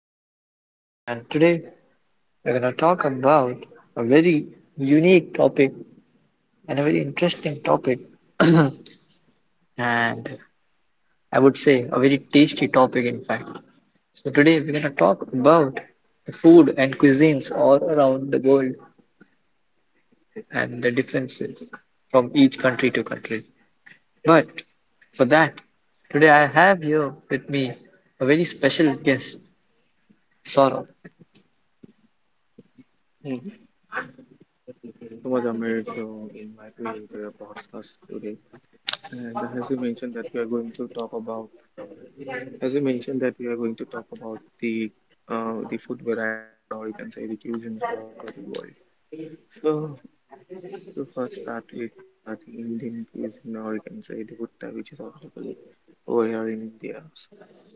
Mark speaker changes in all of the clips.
Speaker 1: podcast, and today we're going to talk about a very unique topic and a very interesting topic, and I would say a very tasty topic, in fact. So, today we're going to talk about the food and cuisines all around the world and the differences from each country to country. But for that, today I have here with me a very special guest, Saurabh.
Speaker 2: Thank you. Thank you so much, Amir, to invite me into your podcast today. And as you mentioned that we are going to talk about, as you mentioned that we are going to talk about the food varieties, or you can say the cuisines all over the world. So I want you to first start with the cuisine, or you can say the butta, which is available over here in India.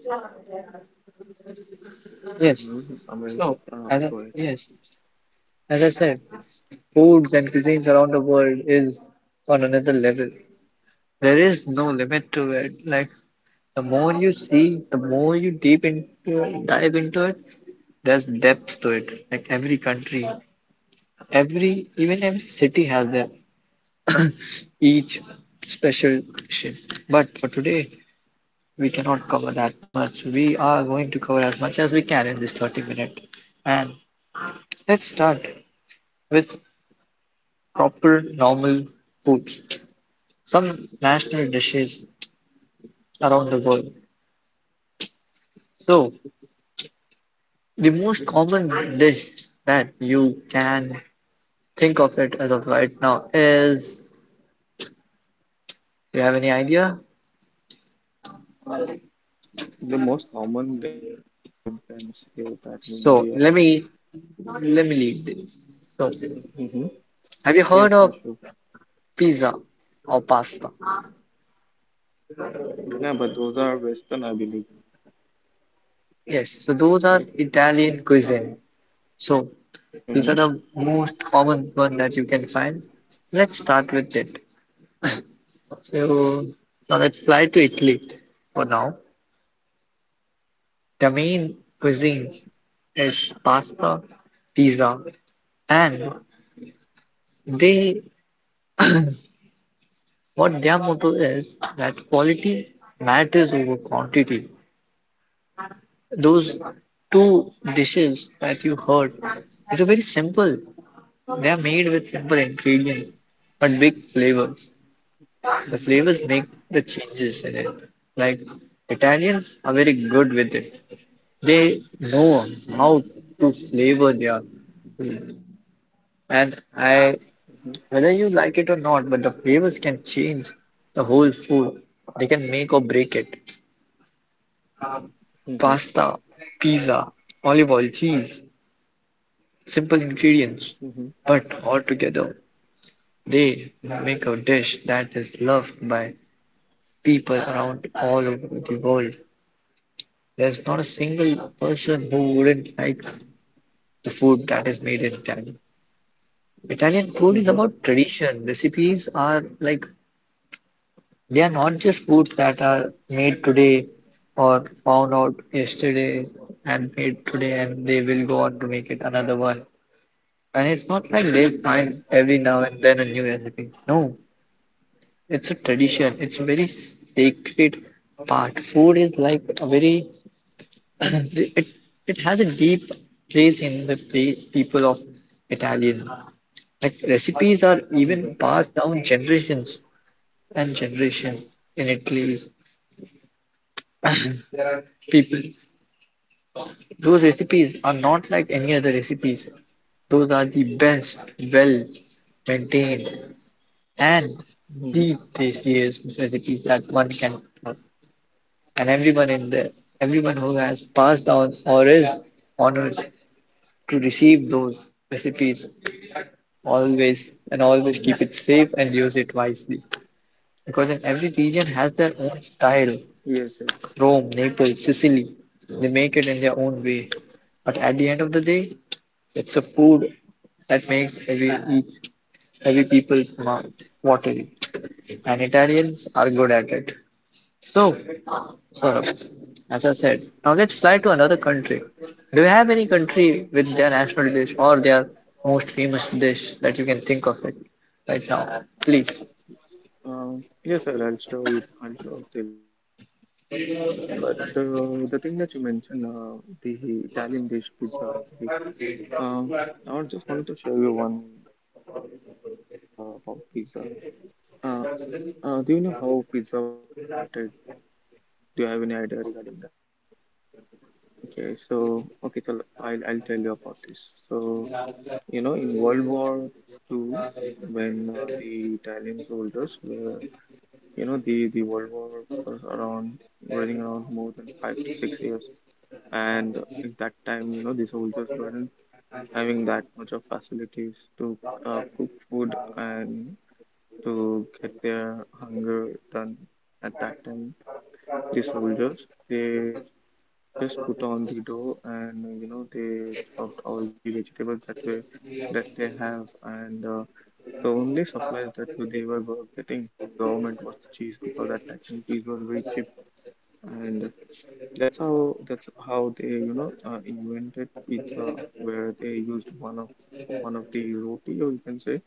Speaker 2: So let's begin the podcast, and
Speaker 1: Yes.
Speaker 2: Amir,
Speaker 1: So,
Speaker 2: let's go ahead.
Speaker 1: as I, yes, as I said, foods and cuisines around the world is on another level. There is no limit to it. Like the more you see, the more you dive into it, there's depth to it. Like every country, every city has their each special dish. But for today, we cannot cover that much. We are going to cover as much as we can in this 30 minute. And let's start with proper normal food, some national dishes around the world. So the most common dish that you can think of it as of right now is, you have any idea?
Speaker 2: The most common dish, if I can say that in
Speaker 1: So
Speaker 2: India.
Speaker 1: let me lead this. So
Speaker 2: Mm-hmm.
Speaker 1: have you
Speaker 2: Yes,
Speaker 1: heard
Speaker 2: yes,
Speaker 1: of
Speaker 2: sure.
Speaker 1: pizza or pasta?
Speaker 2: No, but those are Western, I believe,
Speaker 1: Yes, so those are
Speaker 2: right?
Speaker 1: Italian cuisine. So
Speaker 2: Mm-hmm.
Speaker 1: these are the most common one that you can find. Let's start with it. So now let's fly to Italy for now. The main cuisines
Speaker 2: Mm-hmm.
Speaker 1: is pasta, pizza, and they, what their motto is that quality matters over quantity. Those two dishes that you heard is are very simple.
Speaker 2: Mm-hmm.
Speaker 1: They are made with simple ingredients but big flavors.
Speaker 2: Mm-hmm.
Speaker 1: The flavors make the changes in it. Like Italians are very good with it. They know
Speaker 2: Mm-hmm. Mm-hmm.
Speaker 1: how to flavor their food. And I, whether you like it or not, but the flavors can change the whole food. They can make or break it.
Speaker 2: Mm-hmm.
Speaker 1: Pasta, pizza, olive oil, cheese, simple ingredients.
Speaker 2: Mm-hmm.
Speaker 1: But altogether, they make a dish that is loved by people around all over the world. There's not a
Speaker 2: Mm-hmm.
Speaker 1: single person who wouldn't like the food that is made in Italy. Italian food is
Speaker 2: Mm-hmm.
Speaker 1: about tradition. Recipes are like, they are
Speaker 2: Yes, I
Speaker 1: not
Speaker 2: agree.
Speaker 1: just foods that are made today or found out
Speaker 2: Mm-hmm.
Speaker 1: yesterday and made today and they will go on to make it another one. And it's not like they find
Speaker 2: Mm-hmm.
Speaker 1: every now and then a new recipe. No, it's a tradition. It's a very sacred part. Food is like a very it it has a deep place in the people of Italian. Like recipes are
Speaker 2: Mm-hmm.
Speaker 1: even passed down generations and generation in Italy's
Speaker 2: Mm-hmm.
Speaker 1: people. Those recipes are not like any other recipes. Those are the best, well maintained, and the
Speaker 2: Mm-hmm.
Speaker 1: tastiest recipes that one can have. And everyone in the, everyone who has passed down or is honored to receive those recipes
Speaker 2: Mm-hmm.
Speaker 1: always and always keep it safe and use it wisely because in every region has their
Speaker 2: Yes,
Speaker 1: own
Speaker 2: yes.
Speaker 1: style. Rome, Naples, Sicily,
Speaker 2: Mm-hmm.
Speaker 1: they make it in their own way. But at the end of the day, it's a food that makes every
Speaker 2: Mm-hmm.
Speaker 1: every people's mouth watery, and Italians are good at it. So, Saurabh,
Speaker 2: Mm-hmm.
Speaker 1: as I said, now let's fly to another country. Do you have any country with their national dish or their most famous dish that you can think of it right now? Please.
Speaker 2: Yes, sir, I'll show you, I'll show, I'll tell you about that as well. But the thing that you mentioned, the Italian dish pizza. Um, I just wanted to share you one good knowledge that I have about pizza. Uh, do you know how pizza was invented? Do you have any idea regarding that? Okay, so I'll tell you about this. So you know, in World War Two, when the Italian soldiers were, you know, the World War was around running around more 5 to 6 years, and in that time, you know, the soldiers weren't having that much of facilities to cook food and to get their hunger done at that time the soldiers they just put on the dough, and you know they chopped all the vegetables that were that they have, and the only supplies that they were getting from the government was the cheese because at that time cheese was very cheap. And that's how they invented pizza, where they used one of the roti, or you can say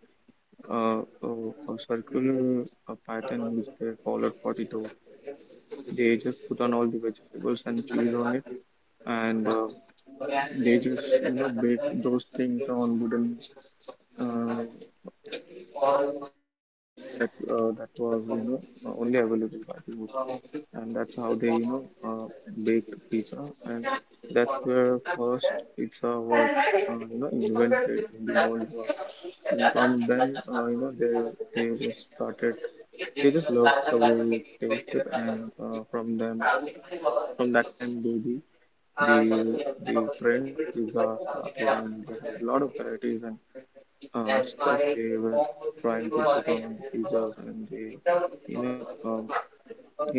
Speaker 2: uh, a, a circular pattern which they followed for the dough. They just put on all the vegetables and cheese on it, and they just you know baked those things on wooden uh, on the fire that that was only available by the wood, and that's how they baked pizza, and that's where first pizza was you know invented in the world war. And from then you know they just started they just loved the way it tasted, and from that time baby the the trend of pizza started, and they have a lot of varieties and stuff they were trying to put on the pizzas, and they you know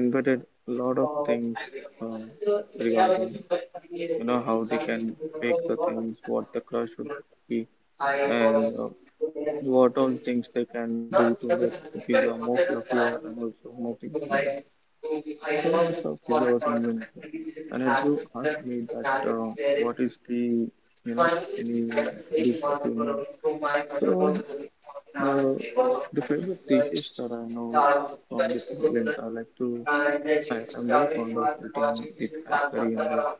Speaker 2: invented a lot of things um regarding you know how they can bake the things, what the crust should be, and what all things they can do to make the pizza more fluffier and also more tasty. So that's how pizza was invented. And as you asked me that what is the you know any natural dish that you know, so the the favorite dishes that I know is from the Thailand. I like to I'm very fond of eating the Thai curry and rice.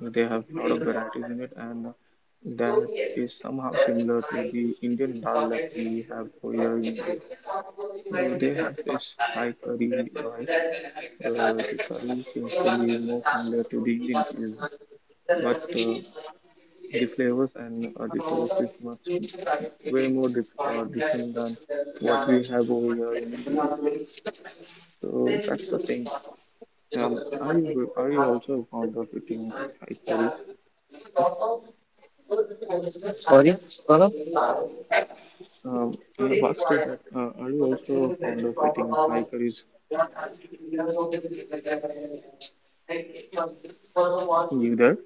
Speaker 2: They have a lot of varieties in it, and
Speaker 1: स
Speaker 2: that is somehow
Speaker 1: séministники
Speaker 2: similar to the Indian dal that
Speaker 1: क्यDeltaI है,
Speaker 2: we have over here in India.
Speaker 1: इससाव घंप wonझ
Speaker 2: So
Speaker 1: मेंग
Speaker 2: they
Speaker 1: your ल
Speaker 2: have this Thai
Speaker 1: suppression
Speaker 2: curry
Speaker 1: कियो
Speaker 2: rice.
Speaker 1: लिएांग
Speaker 2: The curry seems
Speaker 1: कोछिए
Speaker 2: to be more
Speaker 1: means
Speaker 2: familiar to the
Speaker 1: if
Speaker 2: Indian cuisine,
Speaker 1: I did
Speaker 2: but
Speaker 1: अllesसी
Speaker 2: the
Speaker 1: जात
Speaker 2: flavors and the
Speaker 1: में
Speaker 2: taste is much way
Speaker 1: ईवांות
Speaker 2: more
Speaker 1: for like I are
Speaker 2: different
Speaker 1: six,
Speaker 2: than
Speaker 1: 10,
Speaker 2: what
Speaker 1: dollar,
Speaker 2: we have over here
Speaker 1: security
Speaker 2: in India.
Speaker 1: कियो अिएांग you
Speaker 2: So
Speaker 1: more
Speaker 2: that's the thing.
Speaker 1: सन्माट Eno
Speaker 2: Um,
Speaker 1: कि
Speaker 2: are
Speaker 1: mg
Speaker 2: you are you also
Speaker 1: two
Speaker 2: fond of eating
Speaker 1: to one
Speaker 2: Thai curries, Amrit?
Speaker 1: about. Sorry, Saurabh?
Speaker 2: What's to that? Are you also fond of eating Thai curries? You there?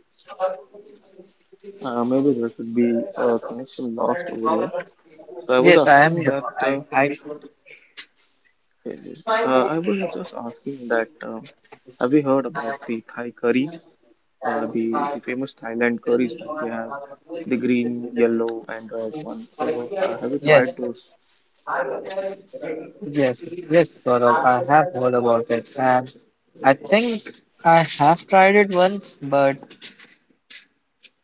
Speaker 2: Maybe there could be a connection lost over here. So I was
Speaker 1: Yes, I am
Speaker 2: asking
Speaker 1: here.
Speaker 2: that.
Speaker 1: I, I,
Speaker 2: I was just asking that. Have you heard about the Thai curry? The famous Thailand curries that they have, the green, yellow, and red one. So, have you tried
Speaker 1: yes,
Speaker 2: those?
Speaker 1: yes, yes, Saurabh. I have heard about it, and I think I have tried it once, but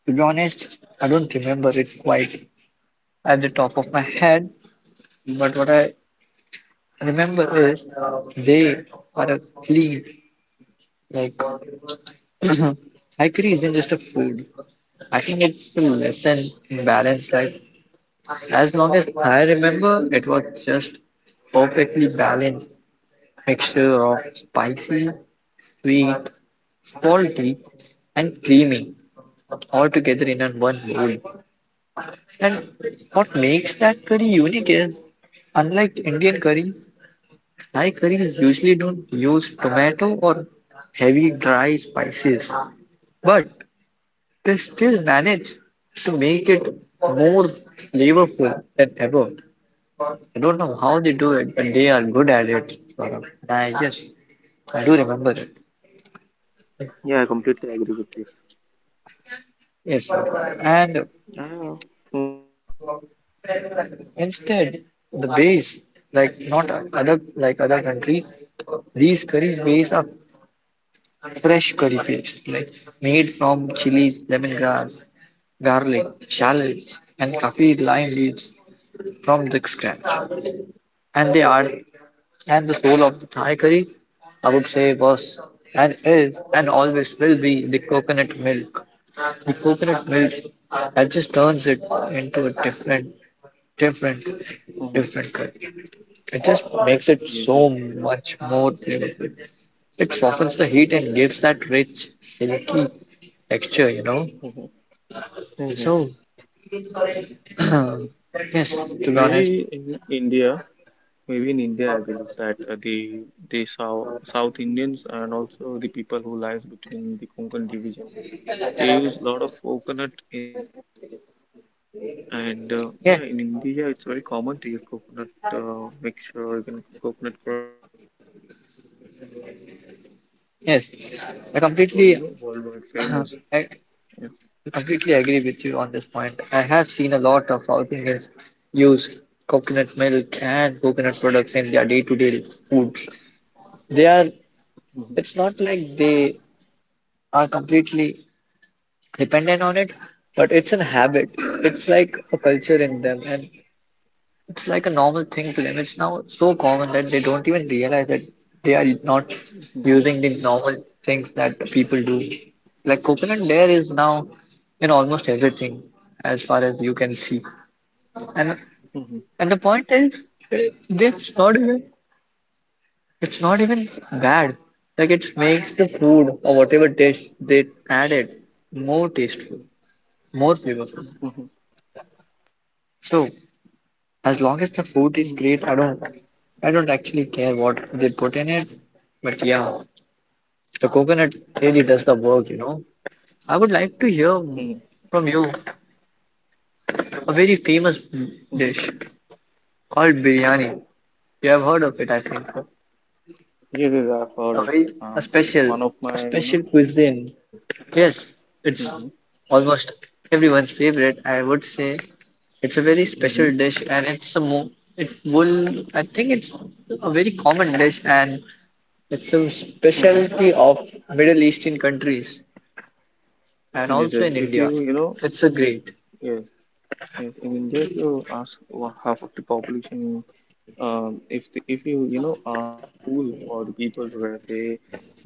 Speaker 1: to be honest, I don't remember it quite at the top of my head. But what I remember is they are a clean, like. Haikyuu isn't just a food. I think it's a lesson in balanced life. As long as I remember, it was just perfectly balanced mixture of spicy, sweet, salty, and creamy, all together in a one bowl. And what makes that curry unique is, unlike Indian curries, Thai curries usually don't use tomato or heavy dry spices. But they still manage to make it more flavorful than ever. I don't know how they do it, but they are good at it, Saurabh. I just, I do remember it.
Speaker 2: Yeah, I completely agree with this.
Speaker 1: Yes, Saurabh. And
Speaker 2: Yeah.
Speaker 1: instead, the base, like not other, like other countries, these curries base are fresh curry paste, like made from chilies, lemongrass, garlic, shallots, and kaffir lime leaves from the scratch. And they are and the soul of the Thai curry, I would say was and is and always will be the coconut milk. The coconut milk that just turns it into a different,
Speaker 2: Mm-hmm.
Speaker 1: different curry. It just makes it
Speaker 2: Yes,
Speaker 1: so
Speaker 2: yes.
Speaker 1: much more flavorful. It softens the heat and gives that rich, silky texture, you know.
Speaker 2: Mm-hmm. Mm-hmm.
Speaker 1: So, yes, to be
Speaker 2: Maybe
Speaker 1: honest,
Speaker 2: in India, Maybe in India, I believe that the South South Indians and also the people who lies between the Konkan division, they use a lot of coconut in their curries, and yeah,
Speaker 1: yeah,
Speaker 2: in India it's very common to use coconut mixture, or you can coconut crush in their curries. And you also know that
Speaker 1: yes,
Speaker 2: Indian curries are
Speaker 1: I
Speaker 2: well, you know
Speaker 1: completely,
Speaker 2: worldwide famous.
Speaker 1: I, I
Speaker 2: Yeah.
Speaker 1: completely agree with you on this point. I have seen a lot of South Indians use coconut milk and coconut products in their day-to-day food. They are,
Speaker 2: Hmm.
Speaker 1: it's not like they are completely dependent on it, but it's a habit. It's like a culture in
Speaker 2: Hmm.
Speaker 1: them, and it's like a normal thing to them. It's now so common that they don't even realize that they are not
Speaker 2: Hmm.
Speaker 1: using the normal things that people do. Like coconut layer is now
Speaker 2: Yes.
Speaker 1: in almost everything, as far as you can see. And
Speaker 2: Hmm.
Speaker 1: the point is, it's not even it's not even bad. Like it makes the
Speaker 2: Hmm.
Speaker 1: food or whatever dish they added more tasteful, more flavorful.
Speaker 2: Hmm.
Speaker 1: So
Speaker 2: Yes.
Speaker 1: as long as the food is
Speaker 2: Hmm.
Speaker 1: great, I don't actually care what they put in it. But yeah, the coconut really
Speaker 2: Hmm.
Speaker 1: does the work. I would like to hear
Speaker 2: Hmm.
Speaker 1: from you a very famous
Speaker 2: Hmm.
Speaker 1: dish called biryani. You have heard of it, I
Speaker 2: Hmm.
Speaker 1: think. So.
Speaker 2: Yes, yes, I've heard
Speaker 1: A
Speaker 2: of it.
Speaker 1: very, a
Speaker 2: It's
Speaker 1: special
Speaker 2: one of
Speaker 1: a
Speaker 2: my, you
Speaker 1: special
Speaker 2: know,
Speaker 1: cuisine.
Speaker 2: yes, yes.
Speaker 1: Yes, it's
Speaker 2: Mm-hmm.
Speaker 1: almost everyone's favorite. I would say it's a very special
Speaker 2: Mm-hmm.
Speaker 1: dish, and it's a mo. It will. I think it's a very common dish, and it's a
Speaker 2: Mm-hmm.
Speaker 1: specialty of Middle Eastern countries and
Speaker 2: Yes,
Speaker 1: also
Speaker 2: yes.
Speaker 1: in
Speaker 2: If
Speaker 1: India.
Speaker 2: you, you know,
Speaker 1: It's a great.
Speaker 2: yes, yes. In India, if you ask half of the population, if the, if you, you know, have a pool for the people where they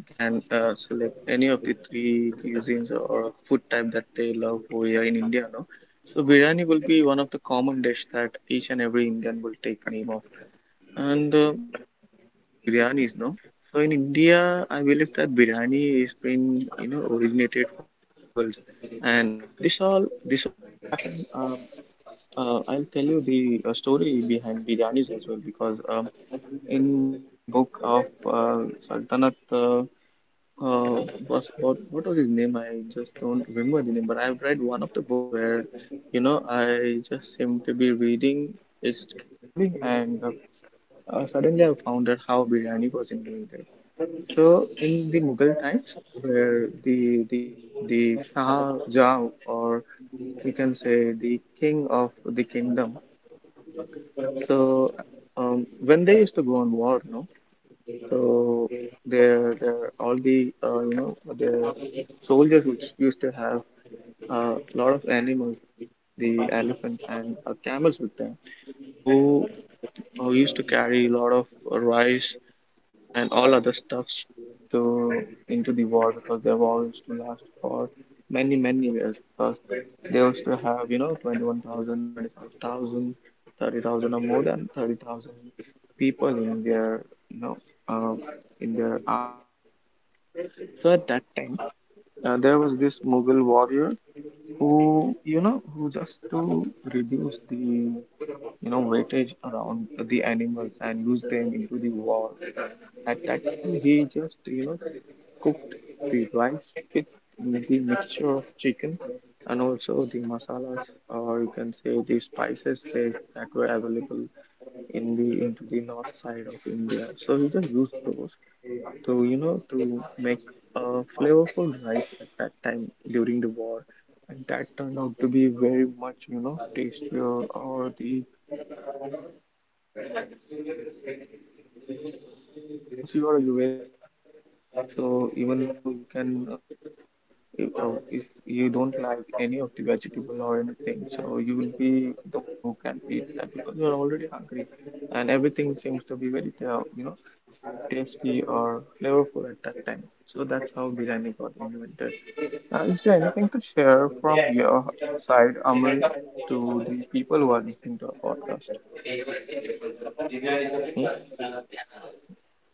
Speaker 2: can select any of the three cuisines or food type that they love over here in India, no? So biryani will be one of the common dish that each and every Indian will take name of. And talking about biryanis, no? So in India, I believe that biryani is been you know originated from the Mughals, and this all also happened. I'll tell you the story behind biryanis as well because in one of the book of Sultanat, was what was his name? I just don't remember the name, but I've read one of the book where you know I just seem to be reading it casually and suddenly, I found out how biryani was invented. So, in the Mughal times, where the Shah Jahan, or you can say the king of the kingdom, so when they used to go on war, no, so their all the you know their soldiers used to have a lot of animals, the elephant and camels with them, who who used to carry a lot of rice and all other stuffs to into the war because their war used to last for many many years because they used to have you know 21,000, 25,000, 30,000, or more than 30,000 people in their um in their army. So at that time there was this Mughal warrior who you know who just to reduce the you know weightage around the animals and use them into the war, at that time he just you know cooked the rice with the mixture of chicken and also the masalas, or you can say the spices that were available in the into the north side of india, so he just used those to you know to make a flavorful rice at that time during the war. And that turned out to be very much you know tastier or the people's favorite at that type time in army because once you are you very hungry now, so even though you can you know if you don't like any of the vegetable or anything, so you will be the one who can eat that because you are already hungry, and everything seems to be very you know tasty or flavorful at that time. So that's how biryani got invented. Is there anything to share from your side, Amr, to the people who are listening to our podcast? Hmm?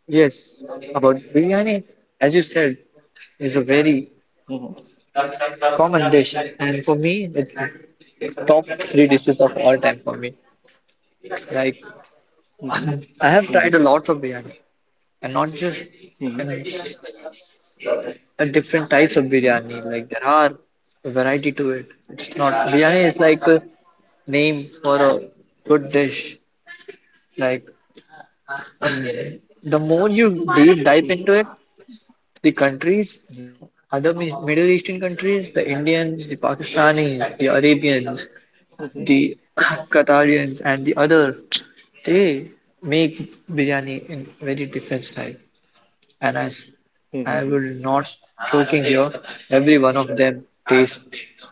Speaker 1: Yes, about biryani, as you said, is a very
Speaker 2: Mhm.
Speaker 1: common dish, and for me, it's top three dishes of all time for me. Like
Speaker 2: Mhm.
Speaker 1: I have tried
Speaker 2: Mhm.
Speaker 1: a lot of biryani, and not just
Speaker 2: Mhm.
Speaker 1: in, different types of
Speaker 2: Mhm.
Speaker 1: biryani.
Speaker 2: Mhm.
Speaker 1: Like there are a variety to it. It's not, biryani is like a name for a good dish. Like mm. The more you deep dive into it, the countries, other Middle Eastern countries, the Indians, the Pakistanis, the Arabians, the Qatarians, and the other, they make biryani in very different style. And
Speaker 2: Mhm. Mhm. Mhm.
Speaker 1: I
Speaker 2: Mhm.
Speaker 1: will not joking here. Every one of them tastes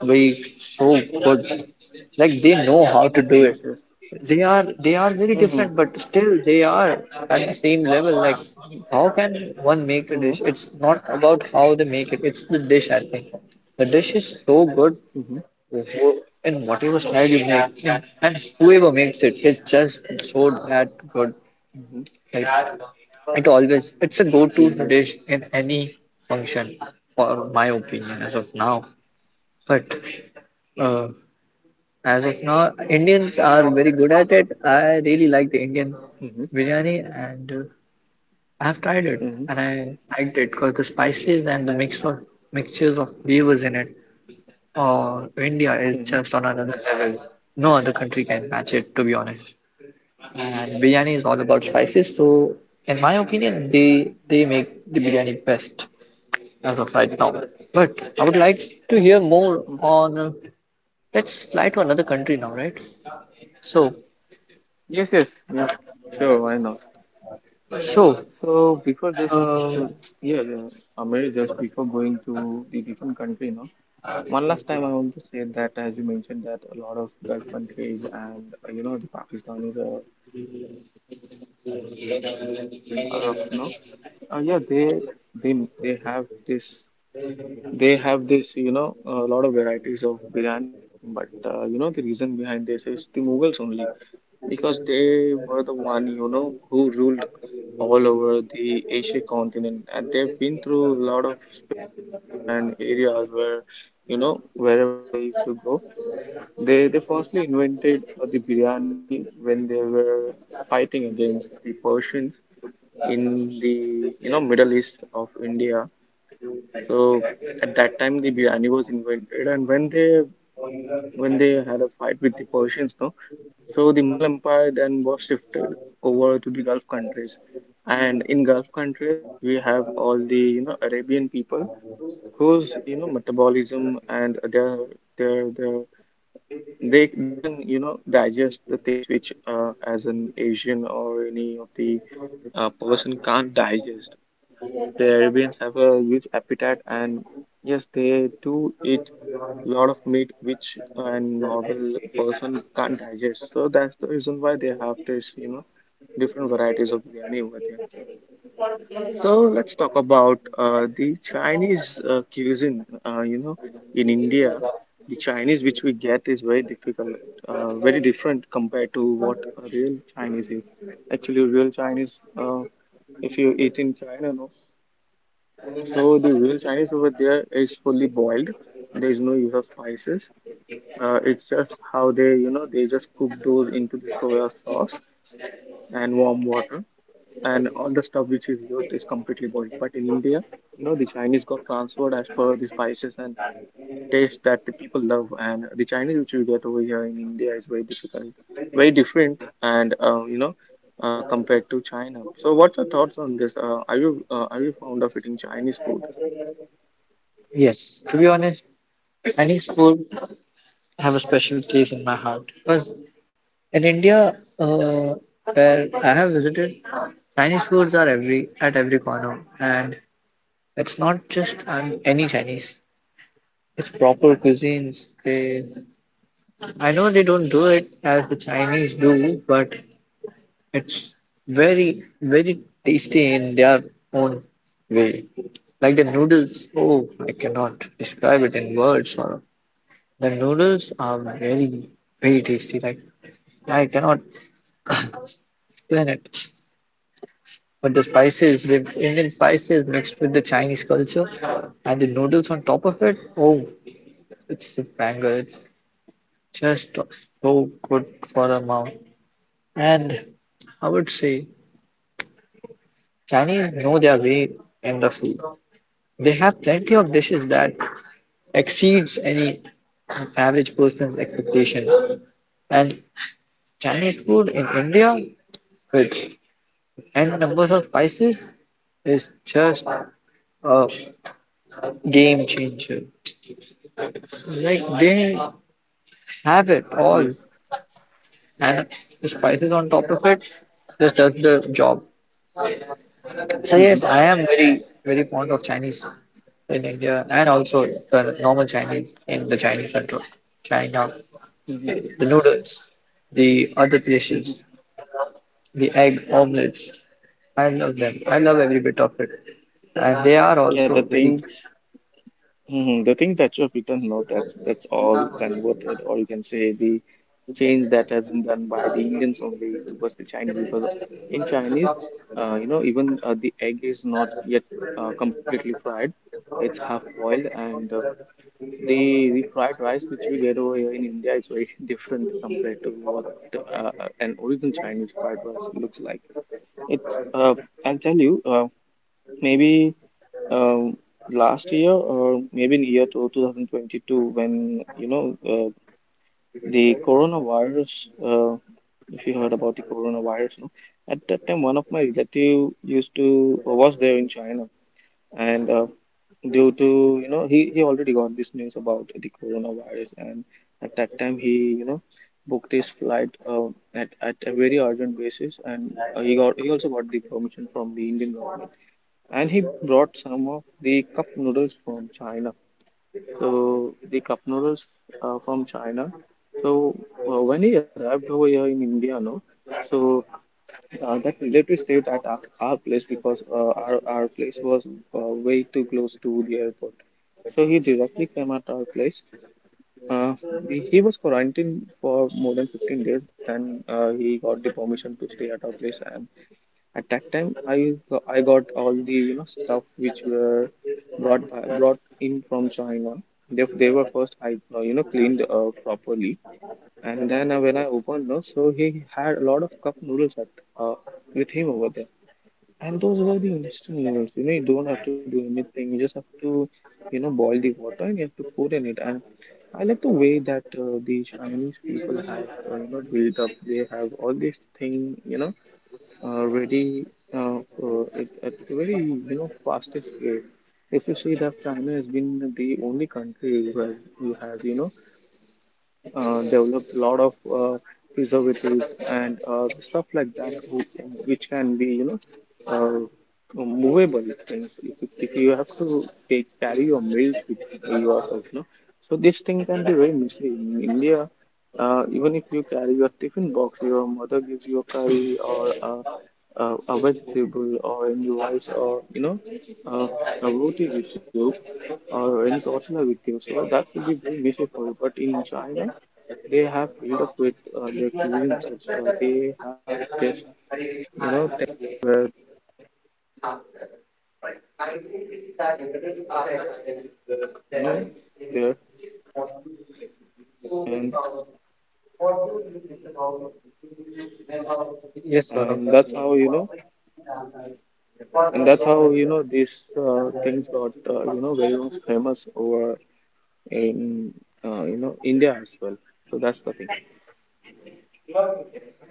Speaker 1: very so good. Like they know how to do
Speaker 2: Yes,
Speaker 1: it.
Speaker 2: yes.
Speaker 1: They are very
Speaker 2: Mm-hmm.
Speaker 1: different, but still they are at the same level. Like
Speaker 2: Mm-hmm.
Speaker 1: how can one make a dish? It's not about how they make it. It's the dish, I think. The dish is so good, wh- in whatever style you make, and whoever makes it, it's just so that good.
Speaker 2: Mm-hmm. Mm-hmm.
Speaker 1: Like it always, it's a go-to
Speaker 2: Yes, yes.
Speaker 1: dish in any function, for my opinion, as of now. But uh, as of now, Indians are very good at it. I really like the Indian biryani, and I've tried it,
Speaker 2: Mm-hmm. Mm-hmm. Mm-hmm.
Speaker 1: and I liked it because the spices and the mix of mixtures of flavors in it. Oh, India is just on another level. No other country can match it, to be honest. And biryani is all
Speaker 2: Mm-hmm.
Speaker 1: about spices, so in my opinion, they make the biryani best as of right now. But I would like to hear more
Speaker 2: Mm.
Speaker 1: on. Let's fly to another country now, right? So,
Speaker 2: Yes, yes. Yeah. Sure, why not?
Speaker 1: so,
Speaker 2: So before this,
Speaker 1: um,
Speaker 2: so yeah, yeah, Amir, just before going to the different country, no? One last time, I want to say that as you mentioned that a lot of Gulf countries and you know the Pakistanis are the ones who are there in Arab, you know, yeah, they they have this you know a lot of varieties biryanis with them. But you know the reason behind this is the Mughals only because they were the one you know who ruled all over the Asia continent, and they've been through a lot of spaces and areas where you know wherever they used to go they firstly invented the biryani when they were fighting against the Persians in the you know Middle East of India. So at that time the biryani was invented, and when they had a fight with the Persians, no, so the Mughal Empire then was shifted over to the Gulf countries, and in Gulf countries we have all the you know Arabian people whose you know metabolism and their they can you know digest the things which as an Asian or any of the person can't digest, you know, the Arabians have a huge appetite and yes they do eat lot of meat which a normal person can't digest, so that's the reason why they have this you know different varieties of biryani over there. So let's talk about the Chinese cuisine. You know, in India, the Chinese which we get is very difficult, very different compared to what a real Chinese is. Actually, real Chinese, if you eat in China, no. So the real Chinese over there is fully boiled. There is no use of spices. It's just how they, you know, they just cook those into the soya sauce and warm water, and all the stuff which is used is completely boiled. But in India, you know, Chinese got transferred as per the spices and taste that the people love, and the Chinese which we get over here in India is very difficult, very different, and compared to China. So, what's your thoughts on this? Are you are you fond of eating Chinese food?
Speaker 1: yes. To be honest, Chinese food have a special place in my heart because in India, uh, where I have visited, Chinese foods are every at every corner, and it's not just any Chinese. It's proper cuisines. They, I know they don't do it as the Chinese do, but it's very, very tasty in their own way. Like the noodles, oh, I cannot describe it in words, Saurabh. The noodles are very, very tasty. Like I cannot explain it. But the spices, the Indian spices mixed with the Chinese culture, and the noodles on top of it, oh, it's a banger. It's just so good for a mouth. And I would say Chinese know their way in the food. They have plenty of dishes that exceeds any average person's expectation. And Chinese food in India with n numbers of spices is just a game changer. Like they have it all,
Speaker 2: Yes.
Speaker 1: and the spices
Speaker 2: Mm-hmm.
Speaker 1: on top of it just does the job. So yes,
Speaker 2: Mm-hmm.
Speaker 1: I am very very fond of Chinese in India and also the normal Chinese in the Chinese country, China, the
Speaker 2: Mm-hmm.
Speaker 1: noodles, the other dishes,
Speaker 2: Mm-hmm.
Speaker 1: the egg omelets. I love them. I love every bit of it, and they are
Speaker 2: Yeah, the
Speaker 1: also very
Speaker 2: thing. Mhm. The thing that you have written, no, that's all converted, or you can say the change that has been done by the Indians only towards the Chinese, because in Chinese, you know, even the egg is not yet completely fried; it's half boiled, and the fried rice which we get over here in India is very different compared to what uh, an original Chinese fried rice looks like. It's I'll tell you. Maybe um, last year or maybe in year two, 2022 when you know the coronavirus, uh, if you heard about the coronavirus, no, at that time one of relative used to was there in China, and due to you know he already got this news about the coronavirus, and at that time he you know booked his flight at a very urgent basis, and uh, he also got the permission from the Indian government, and he brought some of the cup noodles from China. So the cup noodles from China. So when he arrived over here in India, no, so that relative stayed at our place because our place was way too close to the airport. So he directly came at our place. Uh, he was quarantined for more than 15 days. Then he got the permission to stay at our place. And at that time, I got all the you know stuff which were brought in from China. They were first I you know cleaned properly, and then when I opened, no, so he had a lot of cup noodles at uh, with him over there, and those were the instant noodles. You know, you don't have to do anything. You just have to, you know, boil the water and you have to pour in it. And I like the way that the Chinese people have, you know, built up. They have all these thing, you know, ready at a very, you know, fastest way. If you see that China has been the only country where who has, you know, develop a lot of preservatives and stuff like that, who, which can be, you know, uh, movable things. If you have to take carry your meals with yourself, you know, so this thing can be very messy in India. Even if you carry your tiffin box, your mother gives you a curry or a vegetable or any rice or you know uh, a roti with you or any tortilla with you. So that will be very messy for you. But in China, they have built up with their cuisine that they have this you know thing where and
Speaker 1: yes, Saurabh.
Speaker 2: and that's how you know and that's how you know these things got you know very much famous over in you know India as well. So that's the thing.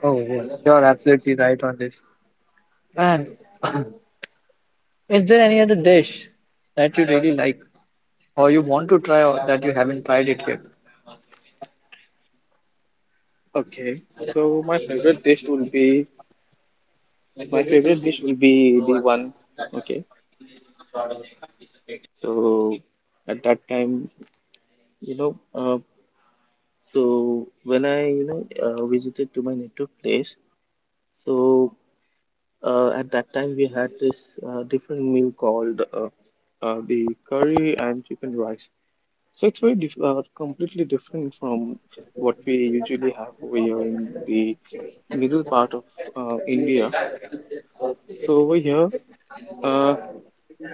Speaker 1: Oh yes, you're absolutely right on this. Man, is there any other dish that you really like or you want to try or that you haven't tried it yet?
Speaker 2: Okay, so my favorite dish will be the one. Okay, so at that time, you know, so when I you know visited to my native place, so at that time, we had this different meal called the curry and chicken rice. So it's very completely different from what we usually have over here in the middle part of India. So over here, uh,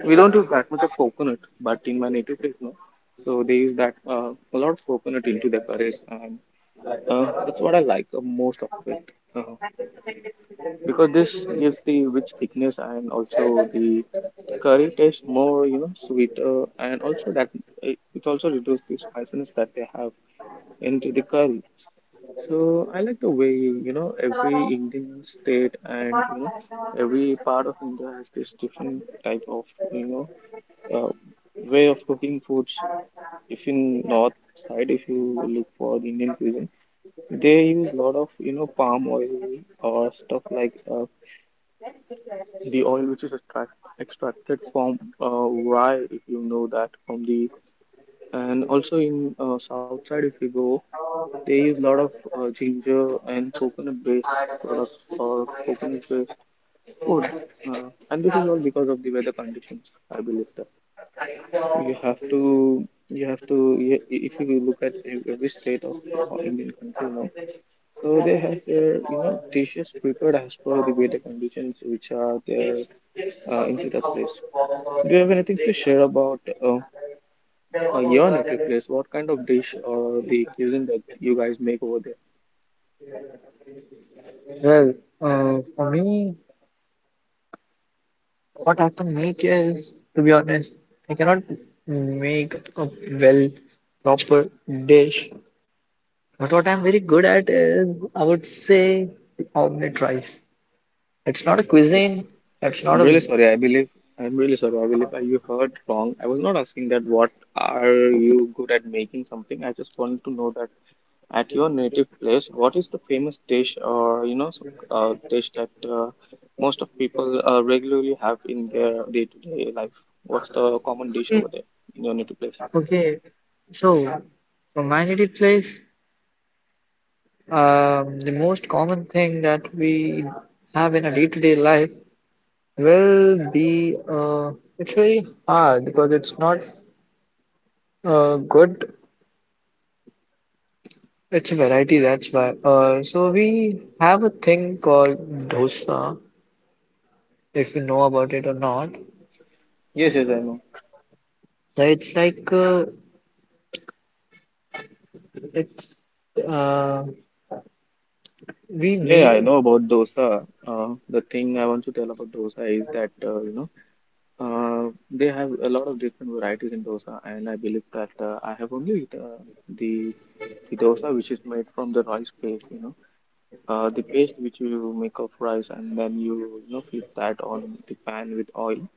Speaker 2: we don't use that much of coconut, but in my native place, no. So they use that a lot of coconut into their curries, and that's what I like most of it. Because this gives the rich thickness and also the curry tastes more you know sweeter, and also that it also reduces the spiciness that they have into the curry. So I like the way you know every Indian state and you know every part of India has this different type of you know uh, way of cooking foods. If in north side, if you look for the Indian cuisine, they use lot of you know palm oil or stuff like the oil which is extracted from rye, if you know that from the, and also in south side if you go, they use a lot of ginger and coconut based products or coconut based food, and this is all because of the weather conditions. I believe that you have to if you look at every state of Indian country now, so they have their you know dishes prepared as per the weather conditions which are there into that place. Do you have anything to share about your native place? What kind of dish or the cuisine that you guys make over there?
Speaker 1: Well, for me, what I can make is, to be honest, I cannot make a well proper dish. But what I'm very good at is, I would say, omelette rice. It's not a
Speaker 2: Okay,
Speaker 1: cuisine, it's
Speaker 2: I'm
Speaker 1: not
Speaker 2: really
Speaker 1: a.
Speaker 2: sorry. I'm really sorry. You heard wrong. I was not asking that. What are you good at making something? I just wanted to know that at your native place, what is the famous dish or you know some, dish that most of people regularly have in their day-to-day life? What's the common dish
Speaker 1: Okay,
Speaker 2: over there in your native place?
Speaker 1: okay. So, from my native place, the most common thing that we have in a day-to-day life. Well, the it's very hard because it's not good. It's a variety, that's why. So we have a thing called dosa, if you know about it or not.
Speaker 2: Yes, yes, I know.
Speaker 1: So it's like it's uh, we
Speaker 2: Yeah, yeah,
Speaker 1: make.
Speaker 2: I know about dosa. The thing I want to tell about dosa is that you know they have a lot of different varieties in dosa, and I believe that I have only the dosa which is made from the rice paste. You know, the paste which you make of rice, and then you know flip that on the pan with oil,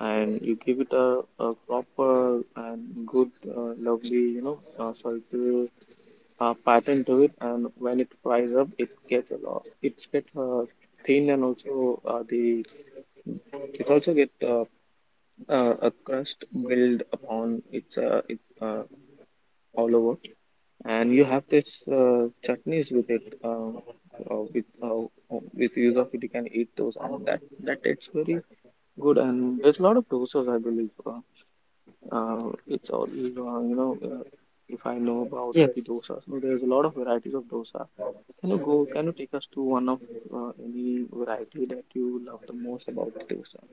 Speaker 2: and you give it a proper and good, lovely you know circular a pattern to it, and when it fries up it gets a lot it's get thin and also the it's also get a crust build upon it's all over, and you have this chutneys with it uh, with uh, with use of it you can eat those, and that tastes very good, and there's a lot of dosas, I believe. It's all, if I know about the
Speaker 1: Yes,
Speaker 2: dosas, no, there's a lot of varieties of dosa. Can you take us to one of any variety that you love the most about the dosa?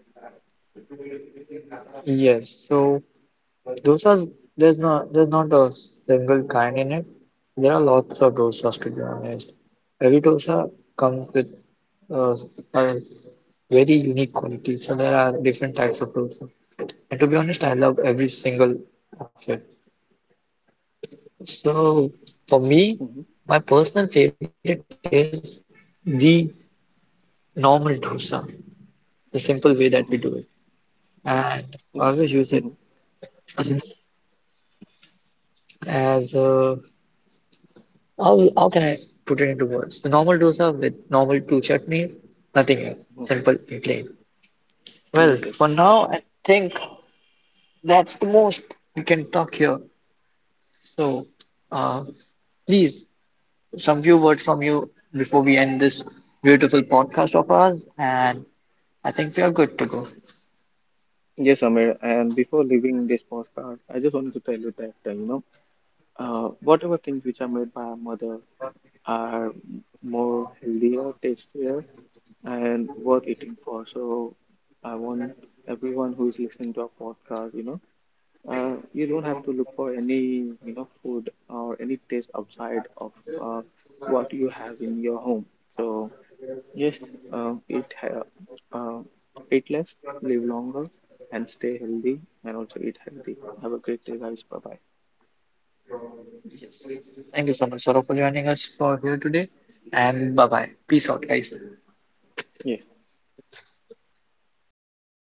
Speaker 1: yes. So dosas, there's not a single kind in it. There are lots of dosas to be honest. Every dosa comes with uh, a very unique quality. So there are different types of dosa. And to be honest, I love every single of it. So for me,
Speaker 2: Mm-hmm.
Speaker 1: my personal favorite is the normal dosa, the simple way that we do it.
Speaker 2: Mm-hmm.
Speaker 1: And I always use it
Speaker 2: Mm-hmm.
Speaker 1: as how can I put it into words? The normal dosa with normal two chutneys, nothing else,
Speaker 2: Mm-hmm.
Speaker 1: simple and plain. Well,
Speaker 2: Yes,
Speaker 1: for
Speaker 2: yes.
Speaker 1: now, I think that's the most we can talk here. So, uh, please some few words from you before we end this beautiful podcast of ours, and I think we are good to go.
Speaker 2: Yes, Amir. And before leaving this postcard, I just wanted to tell you that, you know, whatever things which are made by our mother are more healthier, tastier, and worth eating for. So I want everyone who is listening to our podcast, you know, you don't have to look for any, you know, food or any taste outside of uh, what you have in your home. So yes, uh, eat ha- uh, eat less, live longer, and stay healthy, and also eat healthy. Have a great day, guys. Bye bye.
Speaker 1: Thank you so much, Saurabh, for joining us for here today, and bye bye. Peace out, guys.
Speaker 2: Yes.